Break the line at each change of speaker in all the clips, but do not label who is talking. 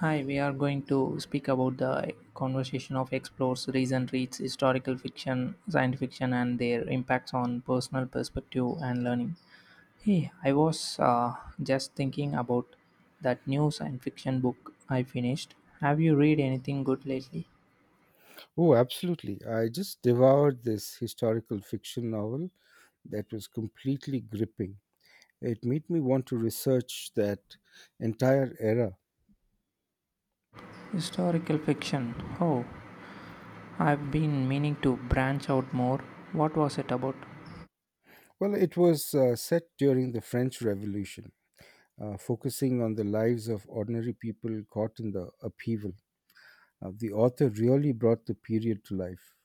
Hi, we are going to speak about the conversation of explores, reason, reads, historical fiction, science fiction, and their impacts on personal perspective and learning. Hey, I was just thinking about that new science fiction book I finished. Have you read anything good lately?
Oh, absolutely. I just devoured this historical fiction novel that was completely gripping. It made me want to research that entire era.
Historical fiction. Oh, I've been meaning to branch out more. What was it about?
Well, it was set during the French Revolution, focusing on the lives of ordinary people caught in the upheaval. The author really brought the period to life.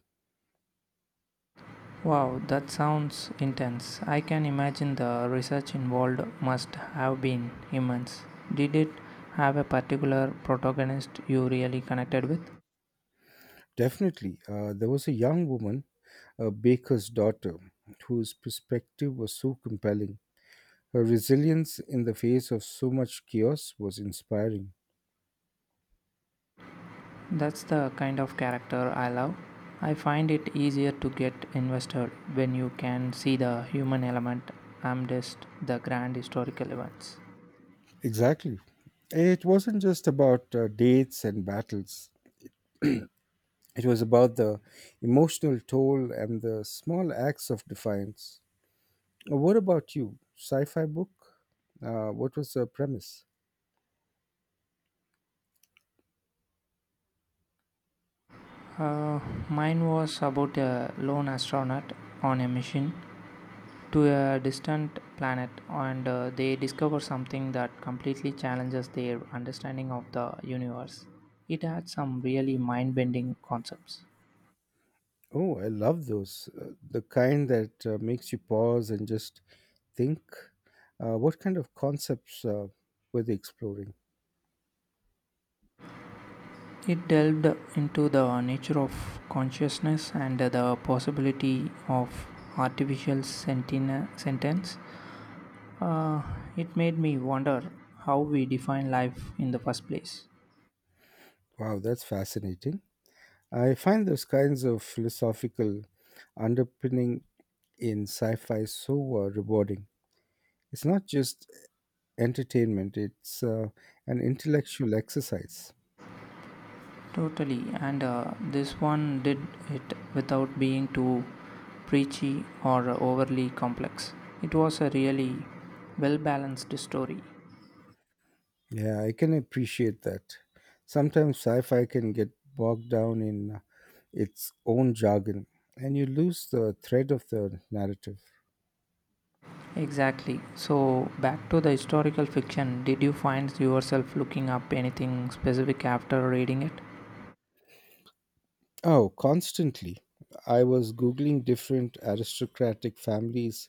Wow, that sounds intense. I can imagine the research involved must have been immense. Did it have a particular protagonist you really connected with?
Definitely, there was a young woman, a baker's daughter, whose perspective was so compelling. Her resilience in the face of so much chaos was inspiring.
That's the kind of character I love. I find it easier to get invested when you can see the human element amidst the grand historical events.
Exactly. It wasn't just about dates and battles, it was about the emotional toll and the small acts of defiance. What about you? Sci fi book? What was the premise?
Uh, Mine was about a lone astronaut on a mission to a distant planet, and they discover something that completely challenges their understanding of the universe. It had some really mind bending concepts.
Oh, I love those. The kind that makes you pause and just think. What kind of concepts were they exploring?
It delved into the nature of consciousness and the possibility of artificial sentence. Uh, it made me wonder how we define life in the first place.
Wow, that's fascinating. I find those kinds of philosophical underpinning in sci-fi so rewarding. It's not just entertainment; it's an intellectual exercise.
Totally, and this one did it without being too preachy or overly complex. It was a really well balanced story.
Yeah, I can appreciate that. Sometimes sci-fi can get bogged down in its own jargon, and you lose the thread of the narrative.
Exactly. So, back to the historical fiction, did you find yourself looking up anything specific after reading it?
Oh, constantly. I was Googling different aristocratic families,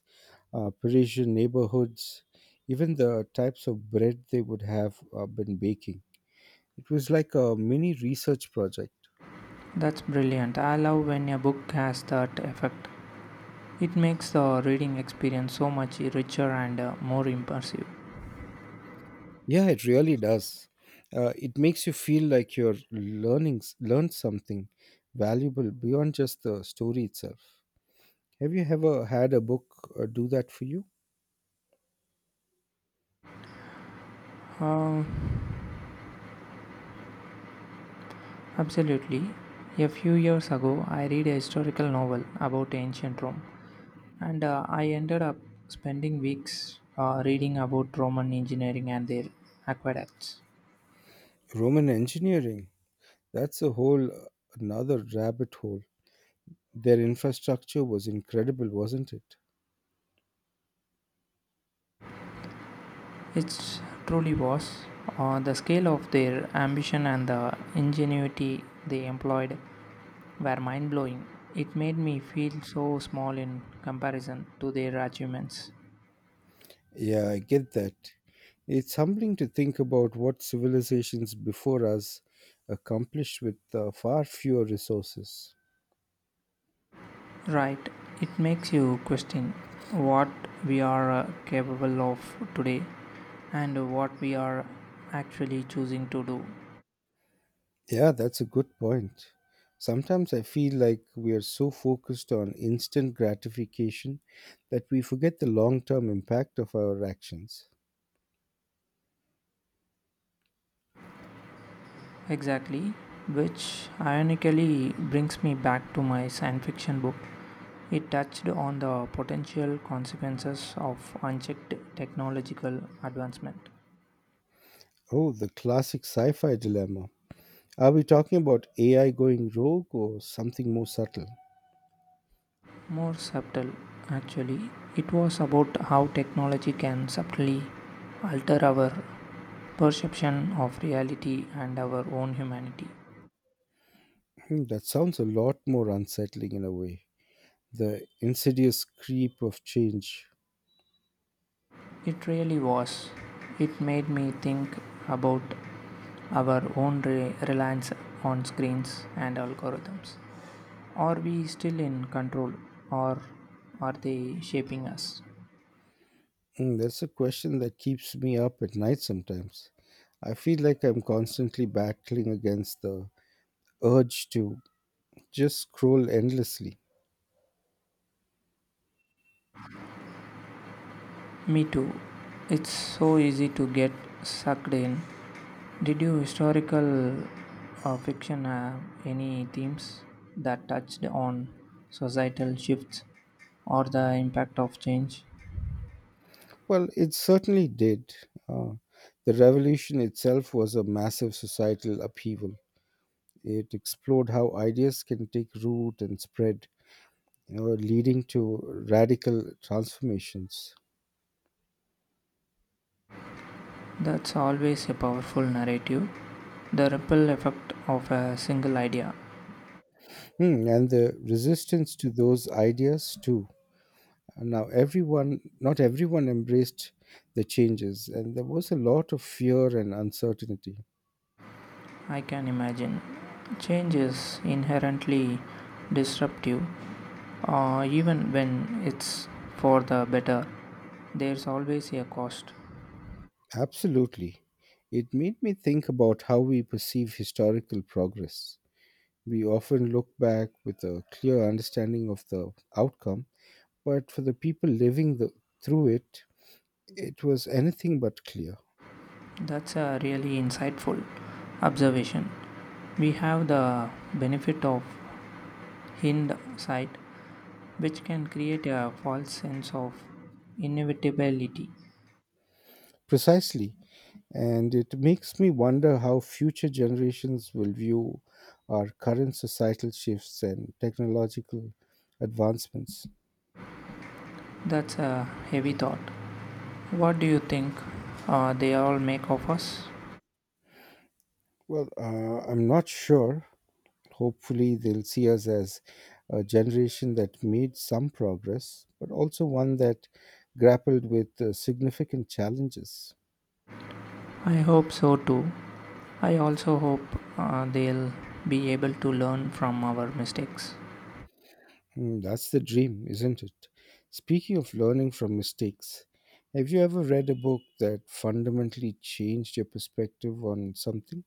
Parisian neighborhoods, even the types of bread they would have been baking. It was like a mini research project.
That's brilliant. I love when a book has that effect. It makes the reading experience so much richer and more immersive.
Yeah, it really does. It makes you feel like you're learned something valuable beyond just the story itself. Have you ever had a book do that for you?
Uh, Absolutely. A few years ago, I read a historical novel about ancient Rome, and I ended up spending weeks reading about Roman engineering and their aqueducts.
Roman engineering. That's a whole another rabbit hole. Their infrastructure was incredible, wasn't it?
It truly was. The scale of their ambition and the ingenuity they employed were mind blowing. It made me feel so small in comparison to their achievements.
Yeah, I get that. It's humbling to think about what civilizations before us accomplished with far fewer resources.
Right. It makes you question what we are capable of today and what we are actually choosing to do.
Yeah, that's a good point. Sometimes I feel like we are so focused on instant gratification that we forget the long term impact of our actions.
Exactly. Which ironically brings me back to my science fiction book. It touched on the potential consequences of unchecked technological advancement.
Oh, the classic sci fi dilemma. Are we talking about AI going rogue or something more subtle?
More subtle, actually. It was about how technology can subtly alter our perception of reality and our own humanity.
Hmm, that sounds a lot more unsettling in a way. The insidious creep of change.
It really was. It made me think about our own reliance on screens and algorithms. Are we still in control, or are they shaping us?
Hmm, that's a question that keeps me up at night sometimes. I feel like I'm constantly battling against the urge to just scroll endlessly.
Me too. It's so easy to get sucked in. Did you historical fiction have any themes that touched on societal shifts or the impact of change?
Well, it certainly did. Uh, the revolution itself was a massive societal upheaval. It explored how ideas can take root and spread, you know, leading to radical transformations.
That's always a powerful narrative. The ripple effect of a single idea.
Hmm, and the resistance to those ideas too. Now, not everyone embraced the changes, and there was a lot of fear and uncertainty.
I can imagine. Change is inherently disruptive, even when it's for the better. There's always a cost.
Absolutely. It made me think about how we perceive historical progress. We often look back with a clear understanding of the outcome, but for the people through it, it was anything but clear.
That's a really insightful observation. We have the benefit of hindsight, which can create a false sense of inevitability.
Precisely. And it makes me wonder how future generations will view our current societal shifts and technological advancements.
That's a heavy thought. What do you think they all make of us?
Well, I'm not sure. Hopefully, they'll see us as a generation that made some progress, but also one that grappled with significant challenges.
I hope so too. I also hope they'll be able to learn from our mistakes.
Mm, that's the dream, isn't it? Speaking of learning from mistakes, have you ever read a book that fundamentally changed your perspective on something?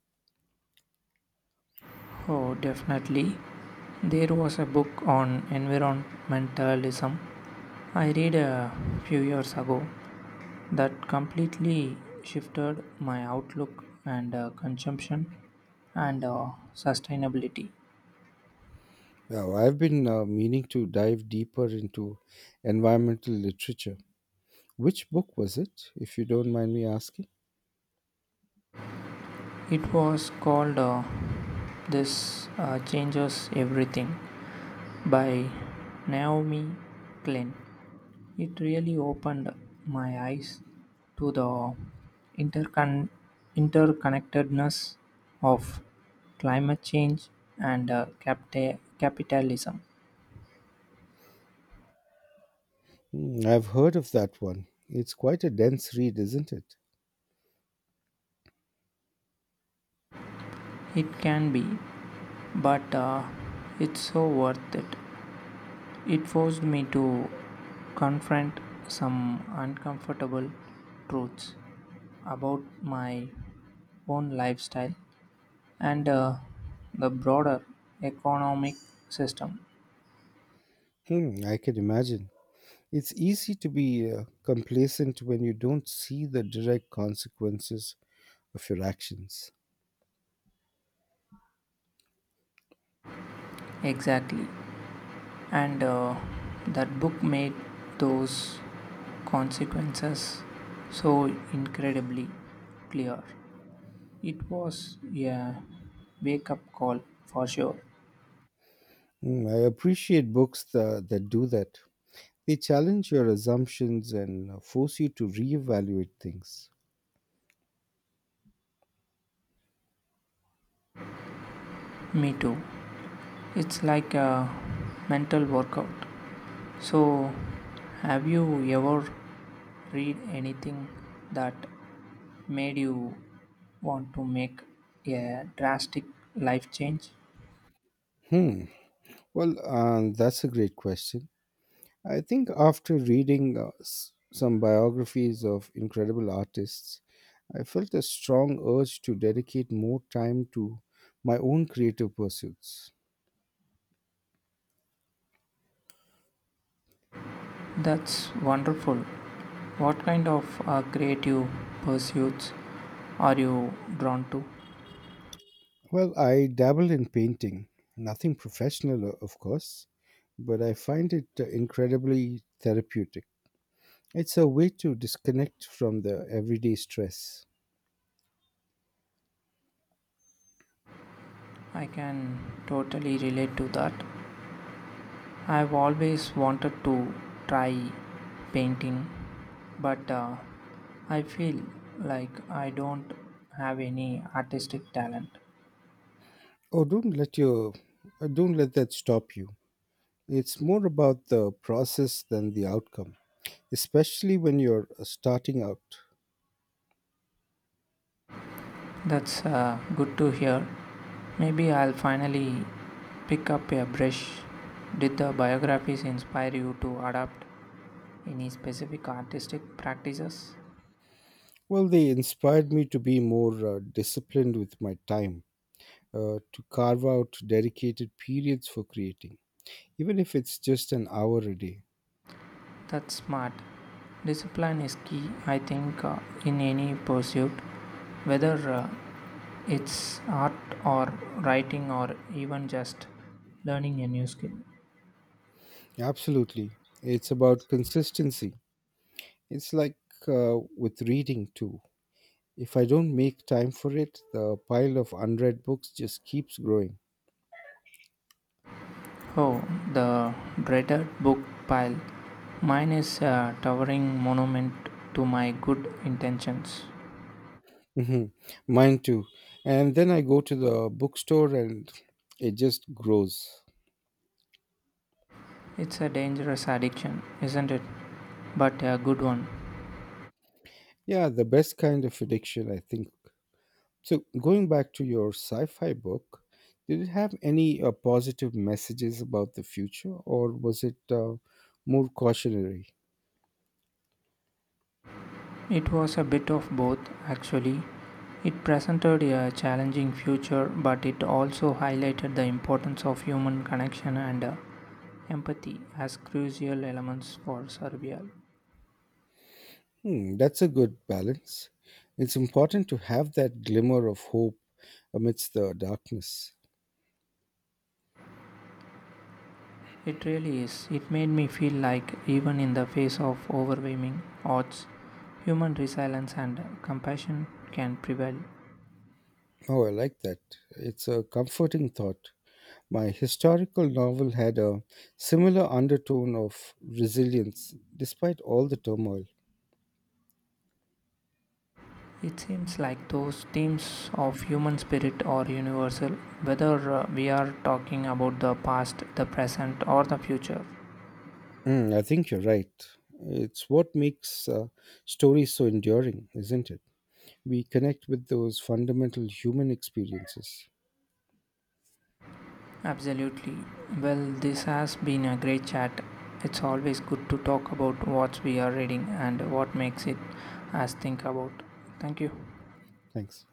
Oh, definitely. There was a book on environmentalism I read a few years ago that completely shifted my outlook and consumption and sustainability.
Now, I've been meaning to dive deeper into environmental literature. Which book was it, if you don't mind me asking?
It was called This Changes Everything by Naomi Klein. It really opened my eyes to the intercon- interconnectedness of climate change and capitalism.
Hmm, I've heard of that one. It's quite a dense read, isn't it?
It can be, but it's so worth it. It forced me to confront some uncomfortable truths about my own lifestyle and the broader economic system.
Hmm, I can imagine. It's easy to be complacent when you don't see the direct consequences of your actions.
Exactly. And that book made those consequences so incredibly clear. It was a wake up call for sure.
Mm, I appreciate books that do that. They challenge your assumptions and force you to reevaluate things.
Me too. It's like a mental workout. So, have you ever read anything that made you want to make a drastic life change?
Hmm. Well, that's a great question. I think after reading some biographies of incredible artists, I felt a strong urge to dedicate more time to my own creative pursuits.
That's wonderful. What kind of creative pursuits are you drawn to?
Well, I dabble in painting, nothing professional, of course, but I find it incredibly therapeutic. It's a way to disconnect from the everyday stress.
I can totally relate to that. I've always wanted to try painting, but I feel like I don't have any artistic talent.
Oh, don't let that stop you. It's more about the process than the outcome, especially when you're starting out.
That's good to hear. Maybe I'll finally pick up a brush. Did the biographies inspire you to adapt any specific artistic practices?
Well, they inspired me to be more disciplined with my time, to carve out dedicated periods for creating, even if it's just an hour a day.
That's smart. Discipline is key, I think, in any pursuit, whether it's art or writing or even just learning a new skill.
Absolutely. It's about consistency. It's like with reading too. If I don't make time for it, the pile of unread books just keeps growing.
Oh, the dreaded book pile. Mine is a towering monument to my good intentions.
hmm Mine too. And then I go to the bookstore and it just grows.
It's a dangerous addiction, isn't it? But a good one.
Yeah, the best kind of addiction, I think. So, going back to your sci fi book, did it have any positive messages about the future or was it more cautionary?
It was a bit of both, actually. It presented a challenging future, but it also highlighted the importance of human connection and empathy as crucial elements for survival.
Hmm, that's a good balance. It's important to have that glimmer of hope amidst the darkness.
It really is. It made me feel like, even in the face of overwhelming odds, human resilience and compassion can prevail.
Oh, I like that. It's a comforting thought. My historical novel had a similar undertone of resilience despite all the turmoil.
It seems like those themes of human spirit are universal, whether we are talking about the past, the present, or the future.
Mm, I think you're right. It's what makes stories so enduring, isn't it? We connect with those fundamental human experiences.
Absolutely. Well, this has been a great chat. It's always good to talk about what we are reading and what makes it us think about. Thank you.
Thanks.